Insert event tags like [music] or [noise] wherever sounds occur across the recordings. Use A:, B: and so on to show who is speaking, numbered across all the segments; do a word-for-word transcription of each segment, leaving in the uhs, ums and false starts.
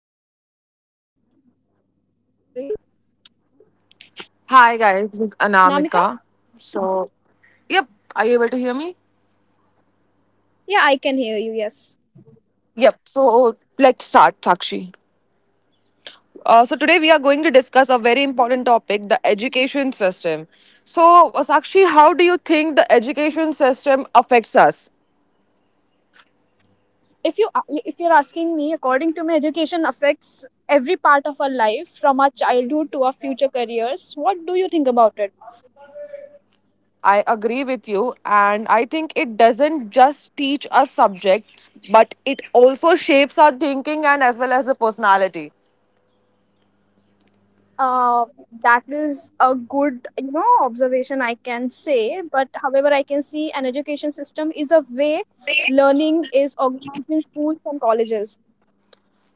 A: has impacted and how it is in our country.
B: hi guys, this is
A: Anamika,
B: Anamika. Yep, are you able to hear me?
A: yeah, I can hear you. Yes.
B: Yep, so let's start, Sakshi. Uh, so today we are going to discuss a very important topic, the education system. So, uh, Sakshi, how do you think the education system affects us?
A: If you if you're asking me, according to me, education affects every part of our life, from our childhood to our future careers. What do you think about it?
B: I agree with you, and I think it doesn't just teach us subjects, but it also shapes our thinking and as well as the personality.
A: uh, that is a good you know observation I can say, but however I can see an education system is a way learning is organized in schools and colleges.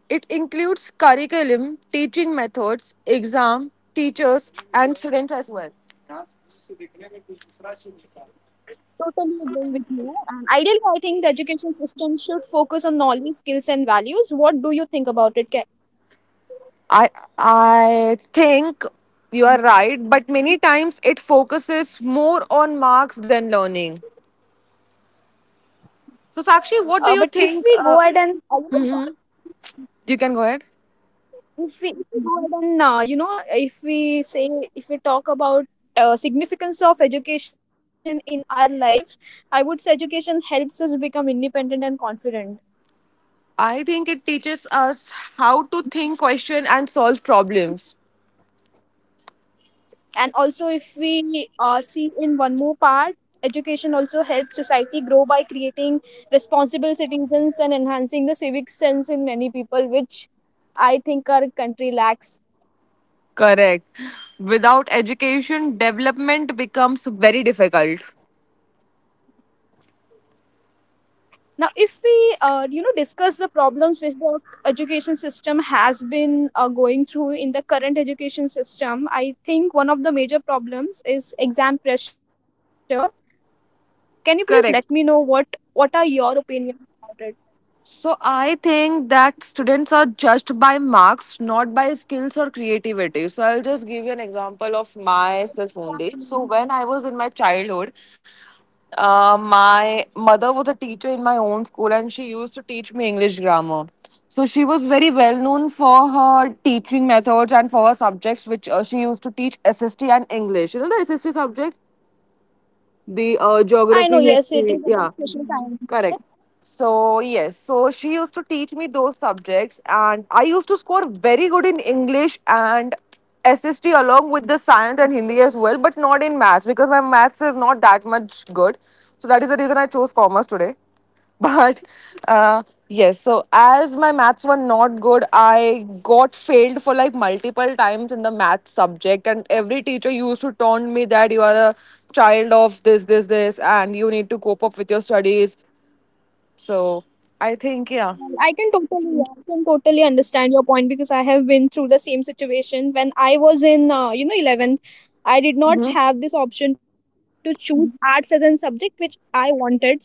B: It includes curriculum, teaching methods, exam, teachers, and students as well.
A: Totally agreeing with you, and ideally I think the education system should focus on knowledge, skills and values. What do you think about it? Can
B: I I think you are right, but many times it focuses more on marks than learning. So Sakshi, what do
A: uh,
B: you
A: but if
B: think?
A: we
B: Uh,
A: go ahead, and I don't know,
B: you can go ahead.
A: if we, if we go ahead and uh, you know if we say, if we talk about uh, significance of education in our lives, I would say education helps us become independent and confident.
B: I think it teaches us how to think, question, and solve problems.
A: And also if we uh, see in one more part, education also helps society grow by creating responsible citizens and enhancing the civic sense in many people, which I think our country lacks.
B: Correct. Without education, development becomes very difficult.
A: Now, if we, uh, you know, discuss the problems which the education system has been uh, going through in the current education system, I think one of the major problems is exam pressure. Can you please let me know what
B: Correct.
A: what are your opinions about it?
B: So I think that students are judged by marks, not by skills or creativity. So I'll just give you an example of myself only. So when I was in my childhood, uh, my mother was a teacher in my own school, and she used to teach me English grammar. So she was very well known for her teaching methods and for her subjects, which uh, she used to teach S S T and English. You know the S S T subject, the uh,
A: I know,
B: geography,
A: yes, it is
B: history.
A: about
B: Yeah.
A: social.
B: Correct. So yes, so she used to teach me those subjects, and I used to score very good in English and SST, along with the science and Hindi as well, but not in maths, because my maths is not that much good. So that is the reason I chose commerce today. But uh, yes, so as my maths were not good, I got failed for like multiple times in the math subject, and every teacher used to taunt me that you are a child of this, this, this, and you need to cope up with your studies. So I think. Yeah.
A: I can totally, I can totally understand your point because I have been through the same situation. When I was in, uh, you know, eleventh, I did not
B: Hmm.
A: have this option to choose arts as a subject, which I wanted so hard.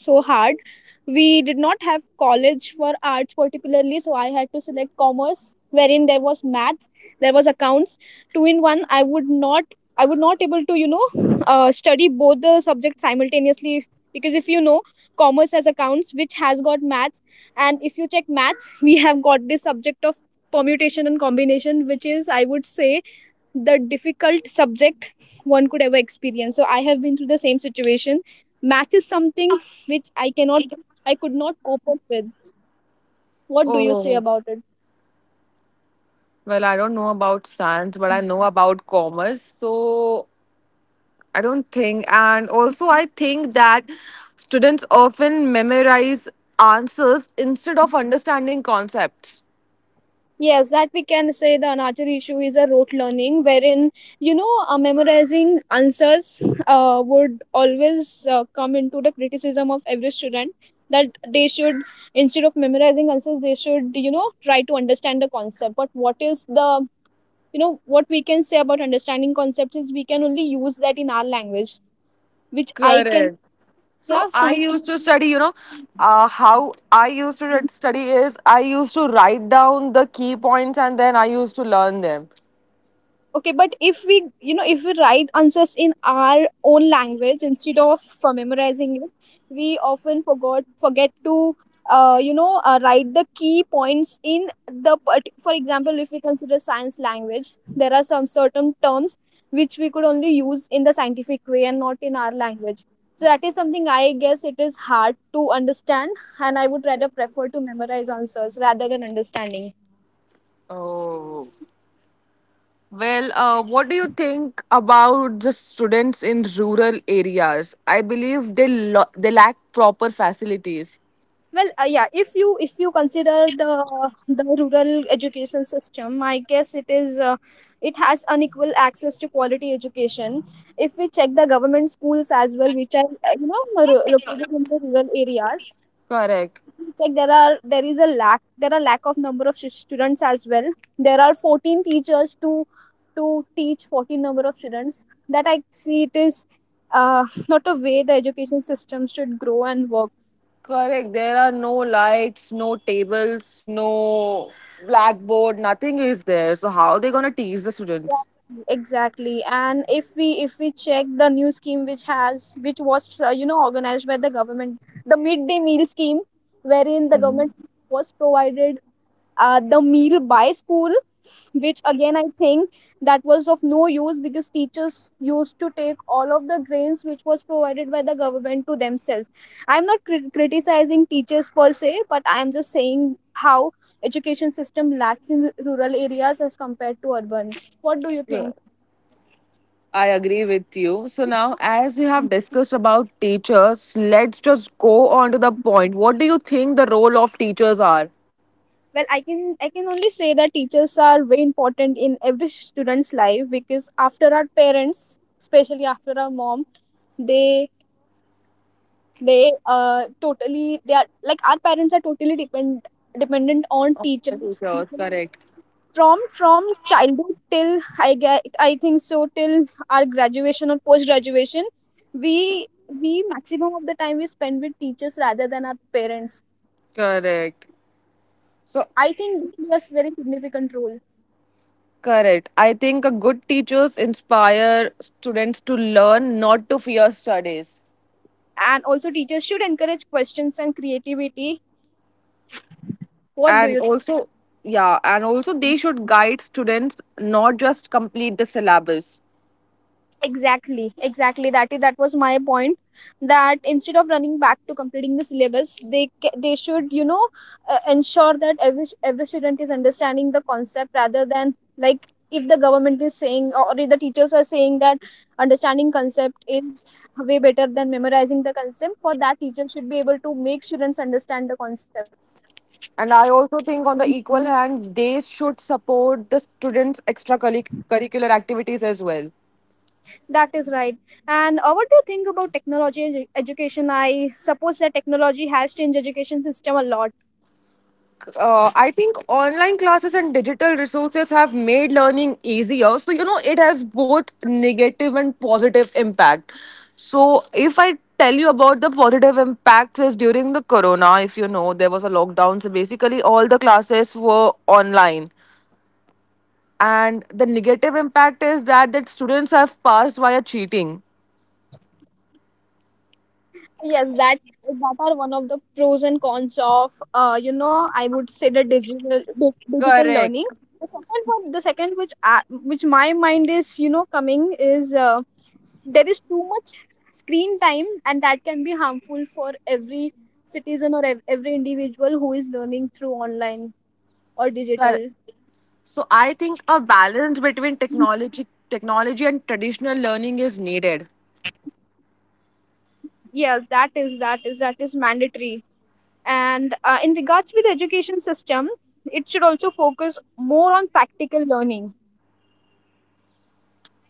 A: We did not have college for arts particularly, so I had to select commerce, wherein there was maths, there was accounts, two in one. I would not, I would not able to, you know, uh, study both the subjects simultaneously, because if you know commerce has accounts which has got maths, and if you check maths, we have got this subject of permutation and combination, which is, I would say, the difficult subject one could ever experience. So I have been through the same situation. Math is something which I cannot, I could not cope up with. What do you say
B: Oh,
A: about it?
B: well, I don't know about science, but I know about commerce, so I don't think. And also, I think that students often memorize answers instead of understanding concepts.
A: Yes, that we can say the another issue is a rote learning, wherein you know uh, memorizing answers uh, would always uh, come into the criticism of every student, that they should, instead of memorizing answers, they should you know try to understand the concept. But what is the you know what we can say about understanding concepts is we can only use that in our language, which I can.
B: Correct. So,
A: Yeah, so
B: I
A: we.
B: used to study, you know, uh, how I used to read- study is I used to write down the key points, and then I used to learn them.
A: Okay, but if we, you know, if we write answers in our own language instead of for memorizing it, we often forgot forget to, uh, you know, uh, write the key points in the. part- For example, if we consider science language, there are some certain terms which we could only use in the scientific way and not in our language. So that is something I guess it is hard to understand, and I would rather prefer to memorize answers rather than understanding.
B: Oh. Well, uh, what do you think about the students in rural areas? I believe they, lo- they lack proper facilities.
A: Well, uh, yeah. If you if you consider the the rural education system, I guess it is uh, it has unequal access to quality education. If we check the government schools as well, which are uh, you know ru- located in the rural areas,
B: Correct.
A: we check there are there is a lack, there are lack of number of stu- students as well. There are fourteen teachers to to teach fourteen number of students. That I see it is uh, not a way the education system should grow and work.
B: Correct. There are no lights, no tables, no blackboard, nothing is there. So, how are they going to teach the students?
A: Exactly, and if we if we check the new scheme which has which was uh, you know organized by the government, the midday meal scheme, wherein the government was provided uh, the meal by school, which again I think that was of no use, because teachers used to take all of the grains which was provided by the government to themselves. I'm not cri- criticizing teachers per se, but I am just saying how education system lacks in rural areas as compared to urban. What do you think?
B: I agree with you. So, now as we have discussed about teachers, let's just go on to the point. What do you think the role of teachers are?
A: Well i can i can only say that teachers are very important in every student's life, because after our parents, especially after our mom, they They, uh, totally they are like our parents are totally depend dependent on
B: Of the
A: teachers
B: teachers, correct.
A: from from childhood till I get I think so till our graduation or post graduation, we we maximum of the time we spend with teachers rather than our parents.
B: Correct.
A: I
B: So,
A: think this plays a very significant role,
B: correct. I think a good teachers inspire students to learn, not to fear studies.
A: and also teachers should encourage questions and creativity. What do
B: And
A: you think?
B: also, yeah, and also they should guide students, not just complete the syllabus.
A: Exactly, exactly. That is that was my point. That instead of running back to completing the syllabus, they ca- they should you know uh, ensure that every every student is understanding the concept, rather than like if the government is saying or if the teachers are saying that understanding concept is way better than memorizing the concept. For that, teacher should be able to make students understand the concept.
B: And I also think on the equal hand, they should support the students extracurricular activities as well.
A: That is right. And uh, what do you think about technology in edu- education? I suppose that technology has changed education system a lot.
B: Uh, i think online classes and digital resources have made learning easier, so you know it has both negative and positive impact. So if I tell you about the positive impact is, during the corona, if you know there was a lockdown, so basically all the classes were online. And the negative impact is that that students have passed via cheating.
A: Yes, that that are one of the pros and cons of uh, you know, I would say the digital di- digital learning.
B: Correct.
A: The second one, the second which I, which my mind is you know coming is uh, there is too much screen time, and that can be harmful for every citizen or ev- every individual who is learning through online or
B: Correct.
A: digital.
B: So I think a balance between technology technology and traditional learning is needed.
A: Yeah, that is that is that is mandatory. And uh, in regards with the education system, it should also focus more on practical learning,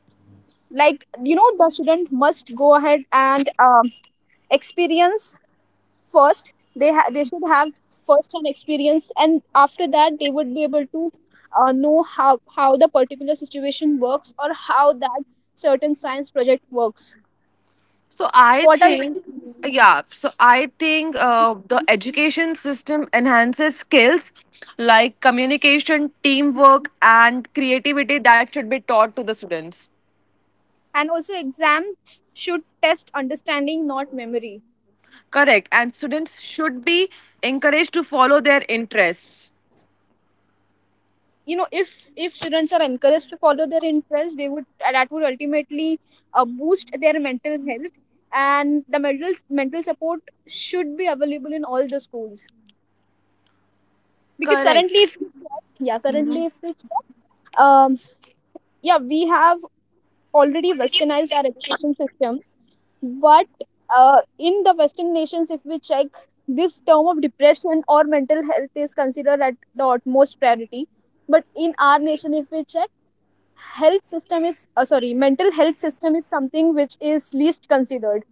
A: like you know the student must go ahead and um, experience. First they ha- they should have first an experience, and after that they would be able to uh, know how how the particular situation works, or how that certain science project works.
B: So I
A: What are you-
B: think Yeah, so I think uh, the education system enhances skills like communication, teamwork, and creativity that should be taught to the students.
A: And also exams should test understanding, not memory.
B: Correct. And students should be encouraged to follow their interests.
A: You know, if if students are encouraged to follow their interests, they would uh, that would ultimately uh, boost their mental health, and the mental mental support should be available in all the schools, because
B: Correct.
A: currently if we check- yeah currently if we check, um, yeah, we have already westernized our education system, but uh, in the western nations if we check, this term of depression or mental health is considered at the utmost priority, but in our nation if we check, health system is uh, sorry, mental health system is something which is least considered.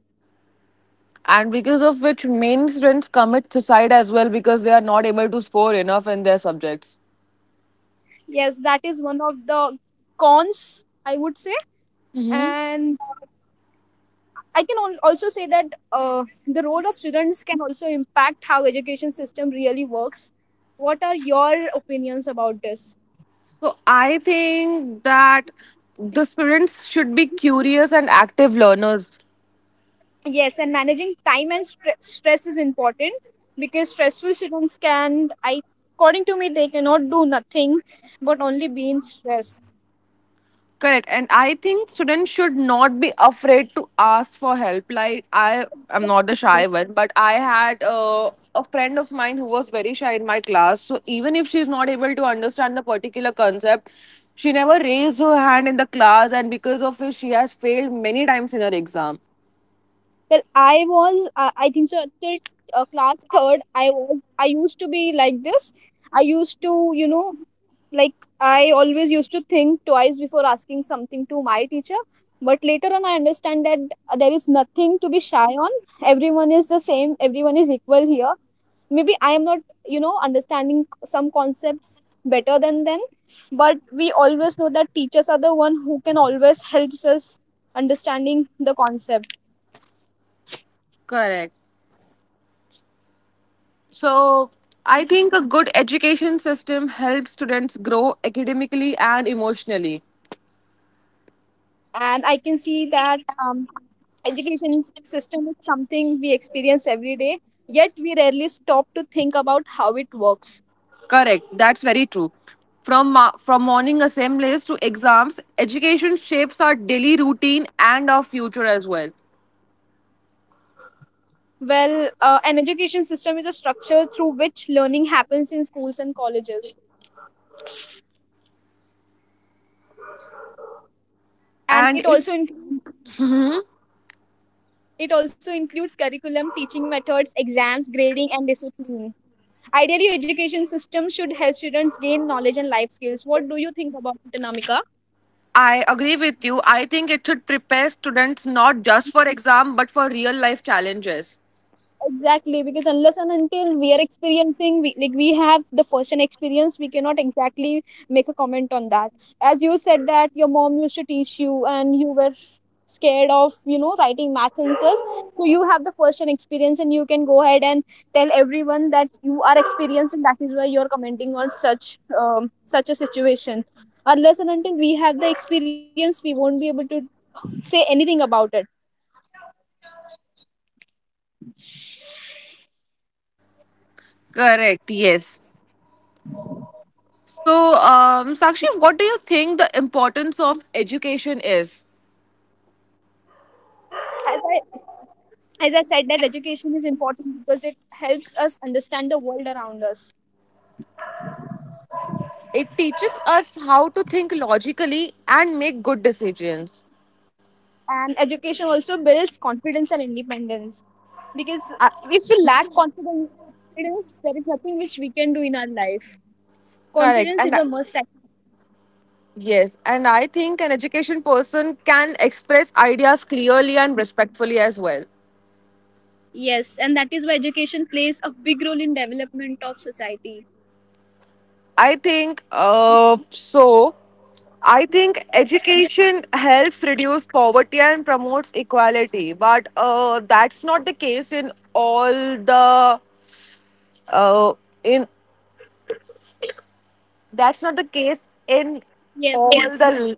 B: And because of which main students commit suicide as well, because they are not able to score enough in their subjects.
A: Yes, that is one of the cons, I would say.
B: Hmm.
A: And I can al- also say that uh, the role of students can also impact how education system really works. What are your opinions about this?
B: So I think that the students should be curious and active learners.
A: Yes, and managing time and stre- stress is important, because stressful students can I according to me they cannot do nothing but only be in stress.
B: Correct. And I think students should not be afraid to ask for help. Like, I am not the shy one, but I had uh, a friend of mine who was very shy in my class. So, even if she's not able to understand the particular concept, she never raised her hand in the class, and because of which she has failed many times in her exam.
A: Well, I was, uh, I think so, till uh, class third, I was, I used to be like this. I used to, you know, like I always used to think twice before asking something to my teacher. But later on, I understand that uh, there is nothing to be shy on. Everyone is the same. Everyone is equal here. Maybe I am not, you know, understanding some concepts better than them. But we always know that teachers are the one who can always helps us understanding the concept.
B: Correct. So, I think a good education system helps students grow academically and emotionally.
A: And I can see that um, education s- system is something we experience every day, yet we rarely stop to think about how it works.
B: Correct. That's very true. From ma- from morning assemblies to exams, education shapes our daily routine and our future as well.
A: Well, uh, an education system is a structure through which learning happens in schools and colleges, and it
B: And
A: also
B: it,
A: includes, it also includes curriculum, teaching methods, exams, grading and discipline. Ideally education system should help students gain knowledge and life skills. What do you think about it, Anamika?
B: I agree with you. I think it should prepare students not just for exam but for real life challenges.
A: Exactly, because unless and until we are experiencing, we, like we have the first-hand experience, we cannot exactly make a comment on that. As you said that your mom used to teach you, and you were scared of you know writing maths answers, so you have the first-hand experience, and you can go ahead and tell everyone that you are experienced, and that is why you are commenting on such um, such a situation. Unless and until we have the experience, we won't be able to say anything about it.
B: Correct. Yes. So, um, Sakshi, what do you think the importance of education is?
A: As I as I said, that education is important because it helps us understand the world around us.
B: It teaches us how to think logically and make good decisions.
A: And education also builds confidence and independence. Because
B: Uh,
A: if we lack confidence, confidence, there is nothing which we can do in our life.
B: correct.
A: Confidence
B: And
A: is a must, I think.
B: Yes, and I think an education person can express ideas clearly and respectfully as well.
A: Yes, and that is why education plays a big role in development of society.
B: I think uh, so. I think education helps reduce poverty and promotes equality, but uh, that's not the case in all the uh, in that's not the case in
A: Yes,
B: all
A: yes.
B: the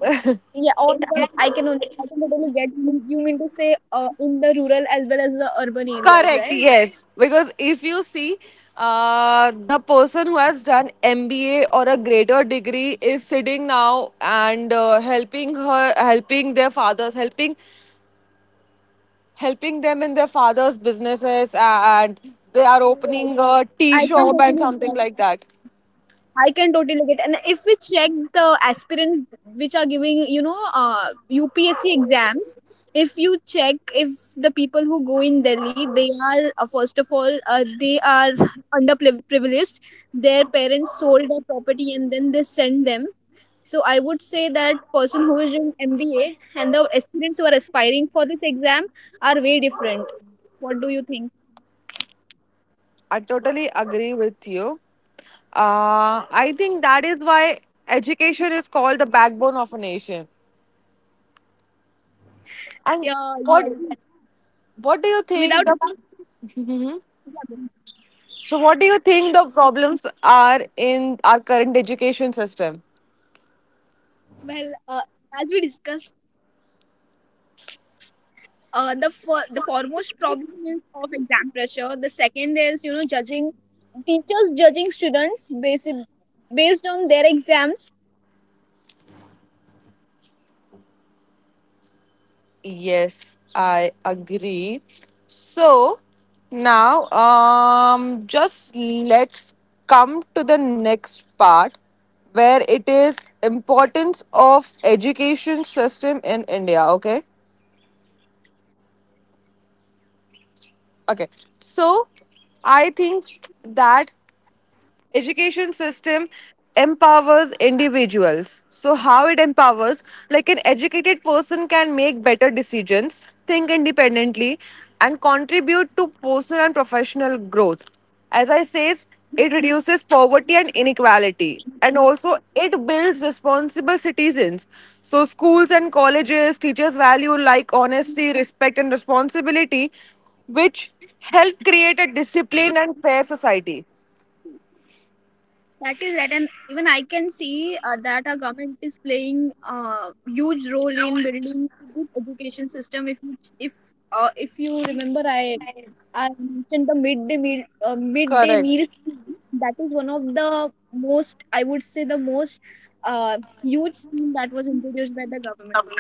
B: [laughs]
A: Yeah, or the I can on- I can totally get you. You mean to say uh, in the rural as well as the urban areas,
B: Correct,
A: right?
B: yes. Because if you see, uh, the person who has done M B A or a greater degree is sitting now and uh, helping her, helping their fathers, helping helping them in their fathers' businesses, and they are opening
A: Yes,
B: a tea
A: I can
B: shop and
A: totally
B: something
A: get.
B: like that.
A: I can totally get, and if we check the aspirants which are giving, you know, uh, U P S C exams, if you check if the people who go in Delhi, they are uh, first of all, uh, they are underprivileged. Their parents sold their property and then they send them. So I would say that person who is in M B A and the aspirants who are aspiring for this exam are way different. What do you think?
B: I totally agree with you. Uh, I think that is why education is called the backbone of a nation. And
A: Yeah, yeah.
B: what what do you
A: Without
B: think the So, what do you think the problems are in our current education system?
A: well, uh, as we discussed, uh, the for, the foremost problem is of exam pressure. The second is, you know, judging, teachers judging students based based on their exams.
B: Yes, I agree. So, now um, just let's come to the next part where it is importance of education system in India. Okay. Okay. So, I think that education system empowers individuals. So how it empowers, like, an educated person can make better decisions, think independently, and contribute to personal and professional growth. As I says, it reduces poverty and inequality, and also it builds responsible citizens. So schools and colleges teachers value like honesty, respect, and responsibility, which help create a disciplined and fair society.
A: That is right, and even I can see uh, that our government is playing a uh, huge role in building good education system. If you, if uh, if you remember, I I mentioned the midday meal, uh, midday
B: Correct.
A: meal scheme. That is one of the most, I would say the most uh, huge scheme that was introduced by the government.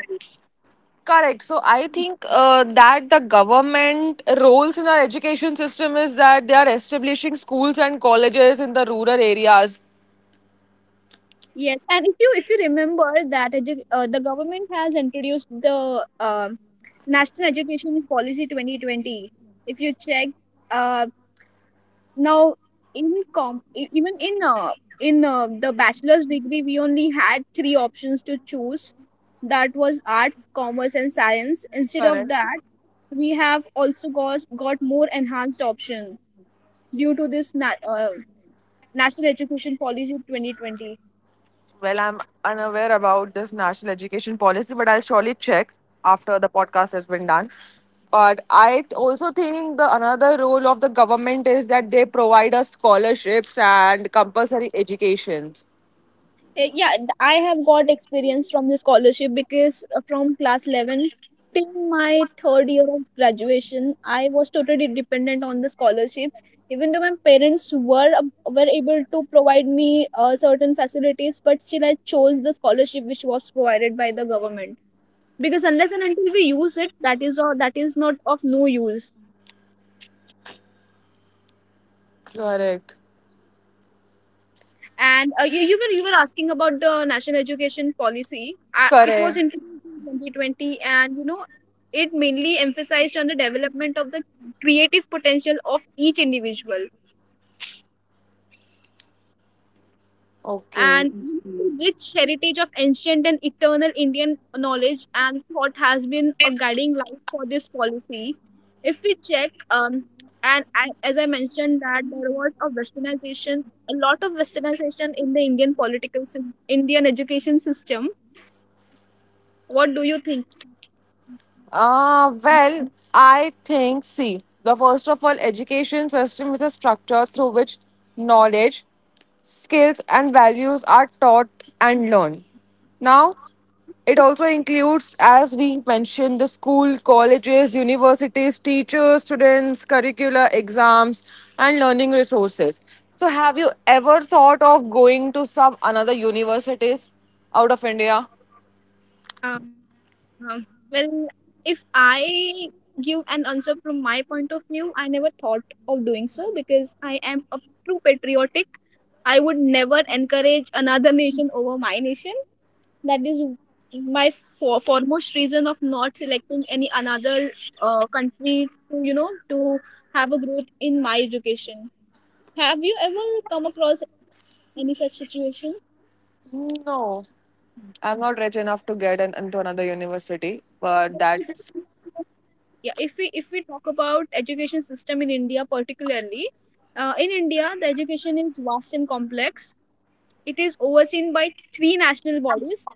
B: Correct. So I think uh, that the government roles in our education system is that they are establishing schools and colleges in the rural areas.
A: Yes, and if you if you remember that edu- uh, the government has introduced the um National Education Policy twenty twenty. If you check, uh, now in com e- even in uh, in uh, the bachelor's degree, we only had three options to choose. That was arts, commerce, and science. Instead of
B: Correct.
A: that, we have also got got more enhanced option due to this na- uh, National Education Policy twenty twenty.
B: Well, I'm unaware about this national education policy, but I'll surely check after the podcast has been done. But I t- also think the another role of the government is that they provide us scholarships and compulsory educations.
A: Uh, yeah, th- I have got experience from the scholarship because uh, from class eleven till my third year of graduation, I was totally dependent on the scholarship. Even though my parents were ab- were able to provide me uh, certain facilities, but still I chose the scholarship which was provided by the government, because unless and until we use it, that is all that is not of no use.
B: Correct.
A: And uh, you, you were you were asking about the national education policy. Uh, it was
B: Correct.
A: introduced in twenty twenty, and you know, it mainly emphasized on the development of the creative potential of each individual,
B: Okay.
A: and rich heritage of ancient and eternal Indian knowledge and thought has been a guiding light for this policy. If we check, um, and I, as I mentioned, that there was a westernization, a lot of westernization in the Indian political, sys- Indian education system. What do you think?
B: Uh, well, I think, see, the first of all, education system is a structure through which knowledge, skills, and values are taught and learned. Now, it also includes, as we mentioned, the school, colleges, universities, teachers, students, curricula, exams, and learning resources. So, have you ever thought of going to some another universities out of India?
A: Um, well, if I give an answer from my point of view, I never thought of doing so, because I am a true patriotic. I would never encourage another nation over my nation. That is my for- foremost reason of not selecting any another uh, country to, you know, to have a growth in my education. Have you ever come across any such situation?
B: No. I'm not rich enough to get in, into another university, but that's.
A: Yeah, if we if we talk about education system in India particularly, uh, in India the education is vast and complex. It is overseen by three national bodies: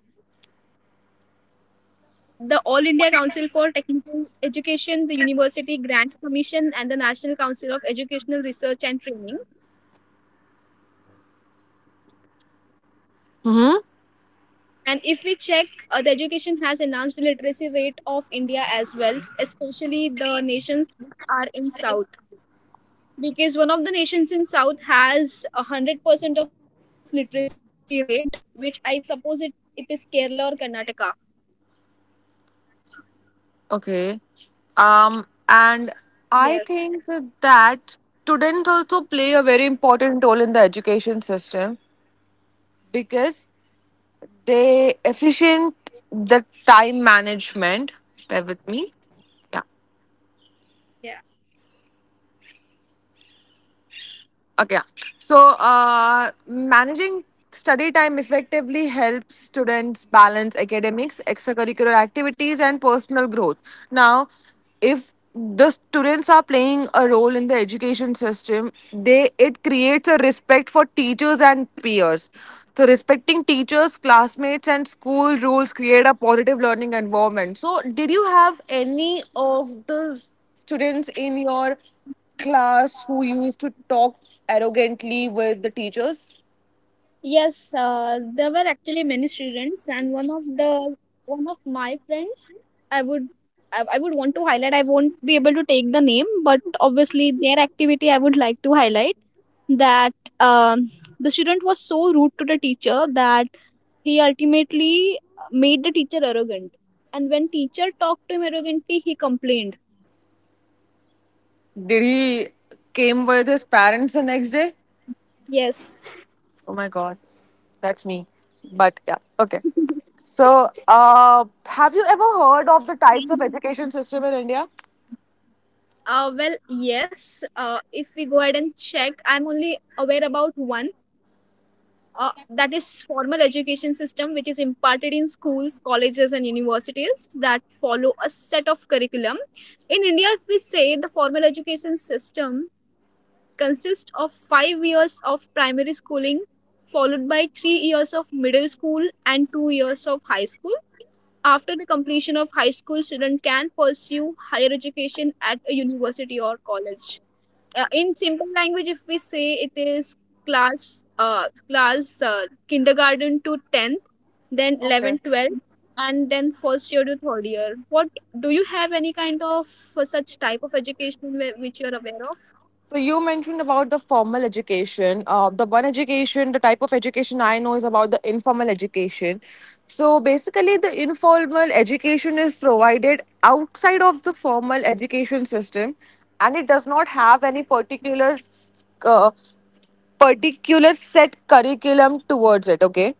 A: the All India Council for Technical Education, the University Grants Commission, and the National Council of Educational Research and Training.
B: Hmm.
A: And if we check, uh, the education has enhanced the literacy rate of India as well, especially the nations which are in south, because one of the nations in south has a hundred percent of literacy rate, which I suppose it, it is Kerala or Karnataka.
B: Okay. Um,
A: Yes,
B: and I think that students also play a very important role in the education system, because they efficient the time management. Bear with me. Yeah.
A: yeah.
B: Okay. Yeah. So, uh, managing study time effectively helps students balance academics, extracurricular activities, and personal growth. Now, if the students are playing a role in the education system, they it creates a respect for teachers and peers. So, respecting teachers, classmates, and school rules create a positive learning environment. So, did you have any of the students in your class who used to talk arrogantly with the teachers?
A: Yes, uh, there were actually many students, and one of the one of my friends, i would I, I would want to highlight. I won't be able to take the name, but obviously their activity I would like to highlight, that um, the student was so rude to the teacher that he ultimately made the teacher arrogant. And when teacher talked to him arrogantly, he complained.
B: Did he came with his parents the next day?
A: Yes.
B: Oh my god, that's me. But yeah, okay.
A: [laughs]
B: So, uh, have you ever heard of the types of education system in India?
A: Uh, well, yes. Uh, if we go ahead and check, I'm only aware about one. Uh, that is formal education system, which is imparted in schools, colleges, and universities that follow a set of curriculum. In India, if we say the formal education system, consists of five years of primary schooling, followed by three years of middle school and two years of high school. After the completion of high school, student can pursue higher education at a university or college. Uh, in simple language, if we say, it is class uh, class uh, kindergarten to tenth, then
B: Okay.
A: eleventh, and then first year to third year. What Do you have any kind of uh, such type of education where, which you're aware of?
B: So you mentioned about the formal education. Uh, the one education, the type of education I know is about the informal education. So basically, the informal education is provided outside of the formal education system, and it does not have any particular uh, particular set curriculum towards it. Okay.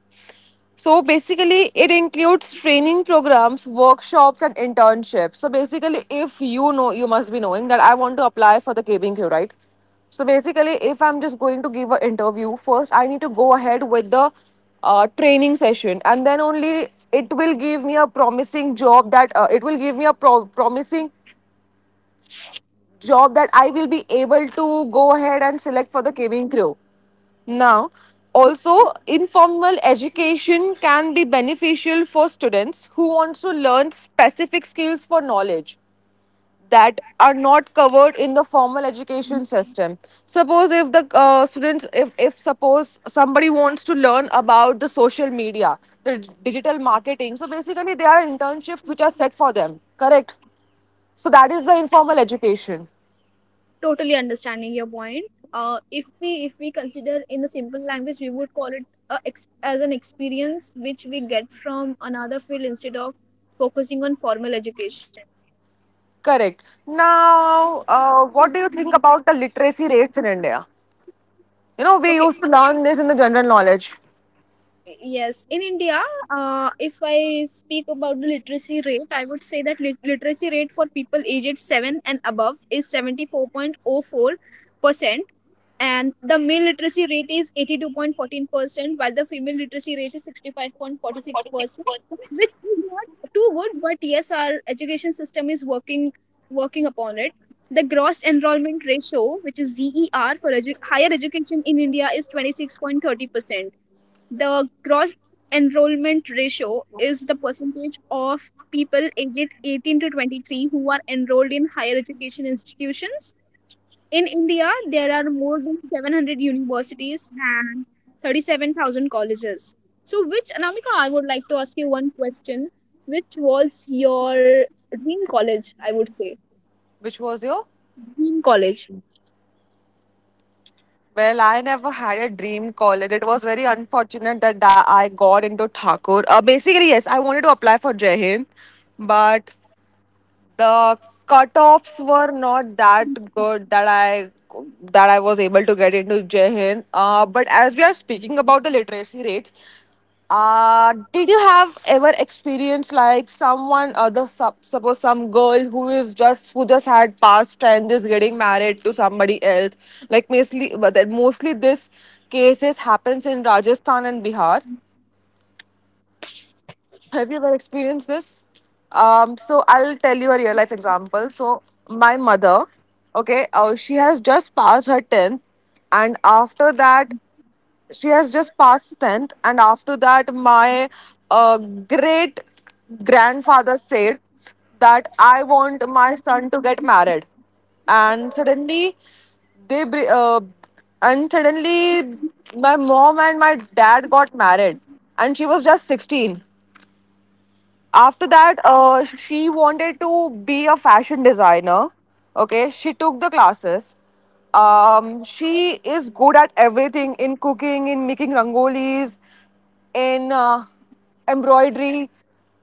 B: So basically, it includes training programs, workshops, and internships. So basically, if you know, you must be knowing that I want to apply for the K B Q, right? So basically, if I'm just going to give an interview, first I need to go ahead with the uh, training session, and then only it will give me a promising job that uh, it will give me a pro- promising job that I will be able to go ahead and select for the cabin crew. Now, also informal education can be beneficial for students who wants to learn specific skills for knowledge that are not covered in the formal education system. Suppose if the uh, students, if, if suppose somebody wants to learn about the social media, the digital marketing, so basically there are internships which are set for them, correct? So that is the informal education.
A: Totally understanding your point. Uh, if we if we consider in the simple language, we would call it a ex- as an experience which we get from another field instead of focusing on formal education.
B: Correct. Now, uh, what do you think about the literacy rates in India? You know, we
A: Okay,
B: used to learn this in the general knowledge.
A: yes, in India, uh, if I speak about the literacy rate, I would say that lit- literacy rate for people aged seven and above is seventy-four point zero four percent, and the male literacy rate is eighty-two point one four percent, while the female literacy rate is sixty-five point four six percent, which is not too good, but yes, our education system is working working upon it. The gross enrollment ratio, which is G E R for edu- higher education in India, is twenty-six point three zero percent. The gross enrollment ratio is the percentage of people aged eighteen to twenty-three who are enrolled in higher education institutions. In India, there are more than seven hundred universities and thirty-seven thousand colleges. So, which, Anamika, I would like to ask you one question. Which was your dream college, I would say?
B: Which was your?
A: Dream college.
B: Well, I never had a dream college. It was very unfortunate that tha- I got into Thakur. Uh, basically, yes, I wanted to apply for Jai Hind, but the cutoffs were not that good that I that I was able to get into Jehin. Uh, but as we are speaking about the literacy rates, uh, did you have ever experienced like someone uh, the sub, suppose some girl who is just who just had past and is getting married to somebody else? Like mostly, but that mostly this cases happens in Rajasthan and Bihar. Have you ever experienced this? Um, so I'll tell you a real life example. So my mother, okay, uh, she has just passed her tenth, and after that, she has just passed tenth, and after that, my uh, great grandfather said that I want my son to get married, and suddenly they br- uh, and suddenly my mom and my dad got married, and she was just sixteen. After that, uh, she wanted to be a fashion designer. Okay, she took the classes. Um, she is good at everything, in cooking, in making rangolis, in uh, embroidery,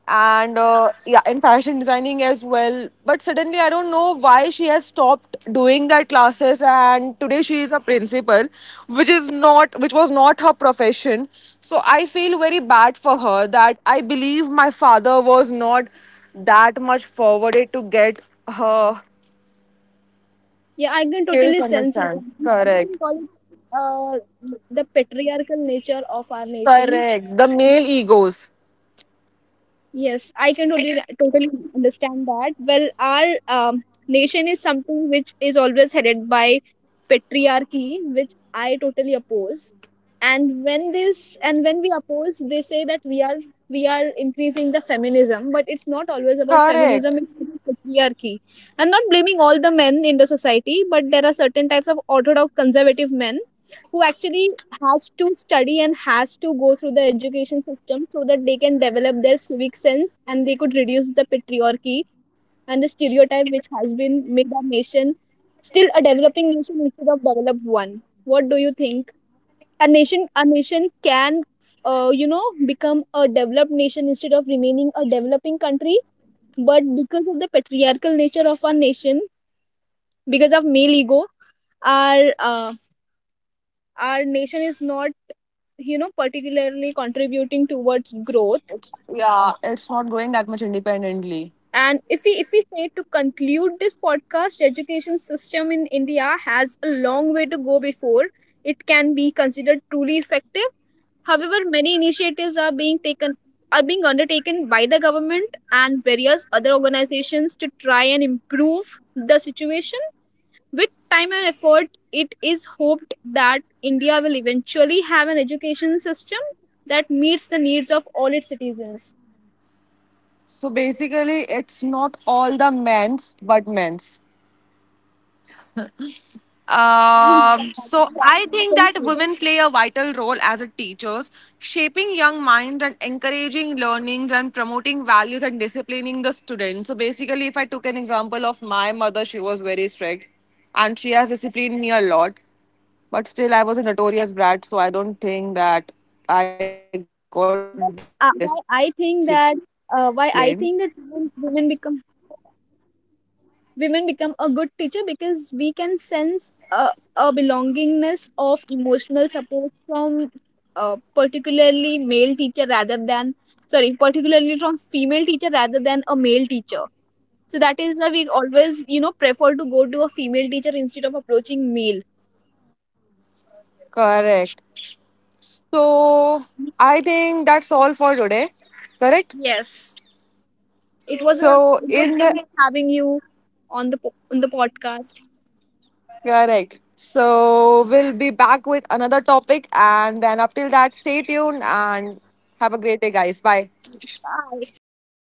B: and uh, yeah, in fashion designing as well. But suddenly I don't know why she has stopped doing that classes, and today she is a principal, which is not which was not her profession. So I feel very bad for her that I believe my father was not that much forwarded to get her.
A: Yeah, I can totally sense it. I
B: Correct.
A: think all, uh, the patriarchal nature of our nation.
B: Correct. The male egos.
A: Yes, I can totally totally understand that. Well, our um, nation is something which is always headed by patriarchy, which I totally oppose. And when this and when we oppose, they say that we are we are increasing the feminism, but it's not always about feminism.
B: Correct.
A: It's about patriarchy. I'm not blaming all the men in the society, but there are certain types of orthodox conservative men who actually has to study and has to go through the education system so that they can develop their civic sense and they could reduce the patriarchy and the stereotype which has been made our nation still a developing nation instead of developed one. What do you think? A nation, a nation can, uh, you know, become a developed nation instead of remaining a developing country. But because of the patriarchal nature of our nation, because of male ego, our uh, our nation is not, you know, particularly contributing towards
B: it's
A: growth.
B: yeah it's not going that much independently.
A: And if we if we say, to conclude this podcast, education system in India has a long way to go before it can be considered truly effective. However, many initiatives are being taken are being undertaken by the government and various other organizations to try and improve the situation. With time and effort, it is hoped that India will eventually have an education system that meets the needs of all its citizens.
B: So basically, it's not all the men's, but men's.
A: [laughs] That-
B: Um,
A: that's
B: so
A: what
B: I
A: we can
B: think that
A: say.
B: women play a vital role as a teachers, shaping young minds and encouraging learnings and promoting values and disciplining the students. So basically, if I took an example of my mother, she was very strict, and she has disciplined me a lot. But still, I was a notorious brat, so I don't think that I got disciplined.
A: But, uh, why I think that uh, why I think that women, women become women become a good teacher, because we can sense a, a belongingness of emotional support from uh, particularly male teacher rather than sorry particularly from female teacher rather than a male teacher. So that is why we always, you know, prefer to go to a female teacher instead of approaching male.
B: Correct. So I think that's all for today. Correct?
A: Yes. It was a,
B: So
A: it was
B: in
A: good
B: the
A: having you on the po- on the podcast.
B: Correct. So we'll be back with another topic, and then up till that stay tuned and have a great day guys. Bye.
A: Bye.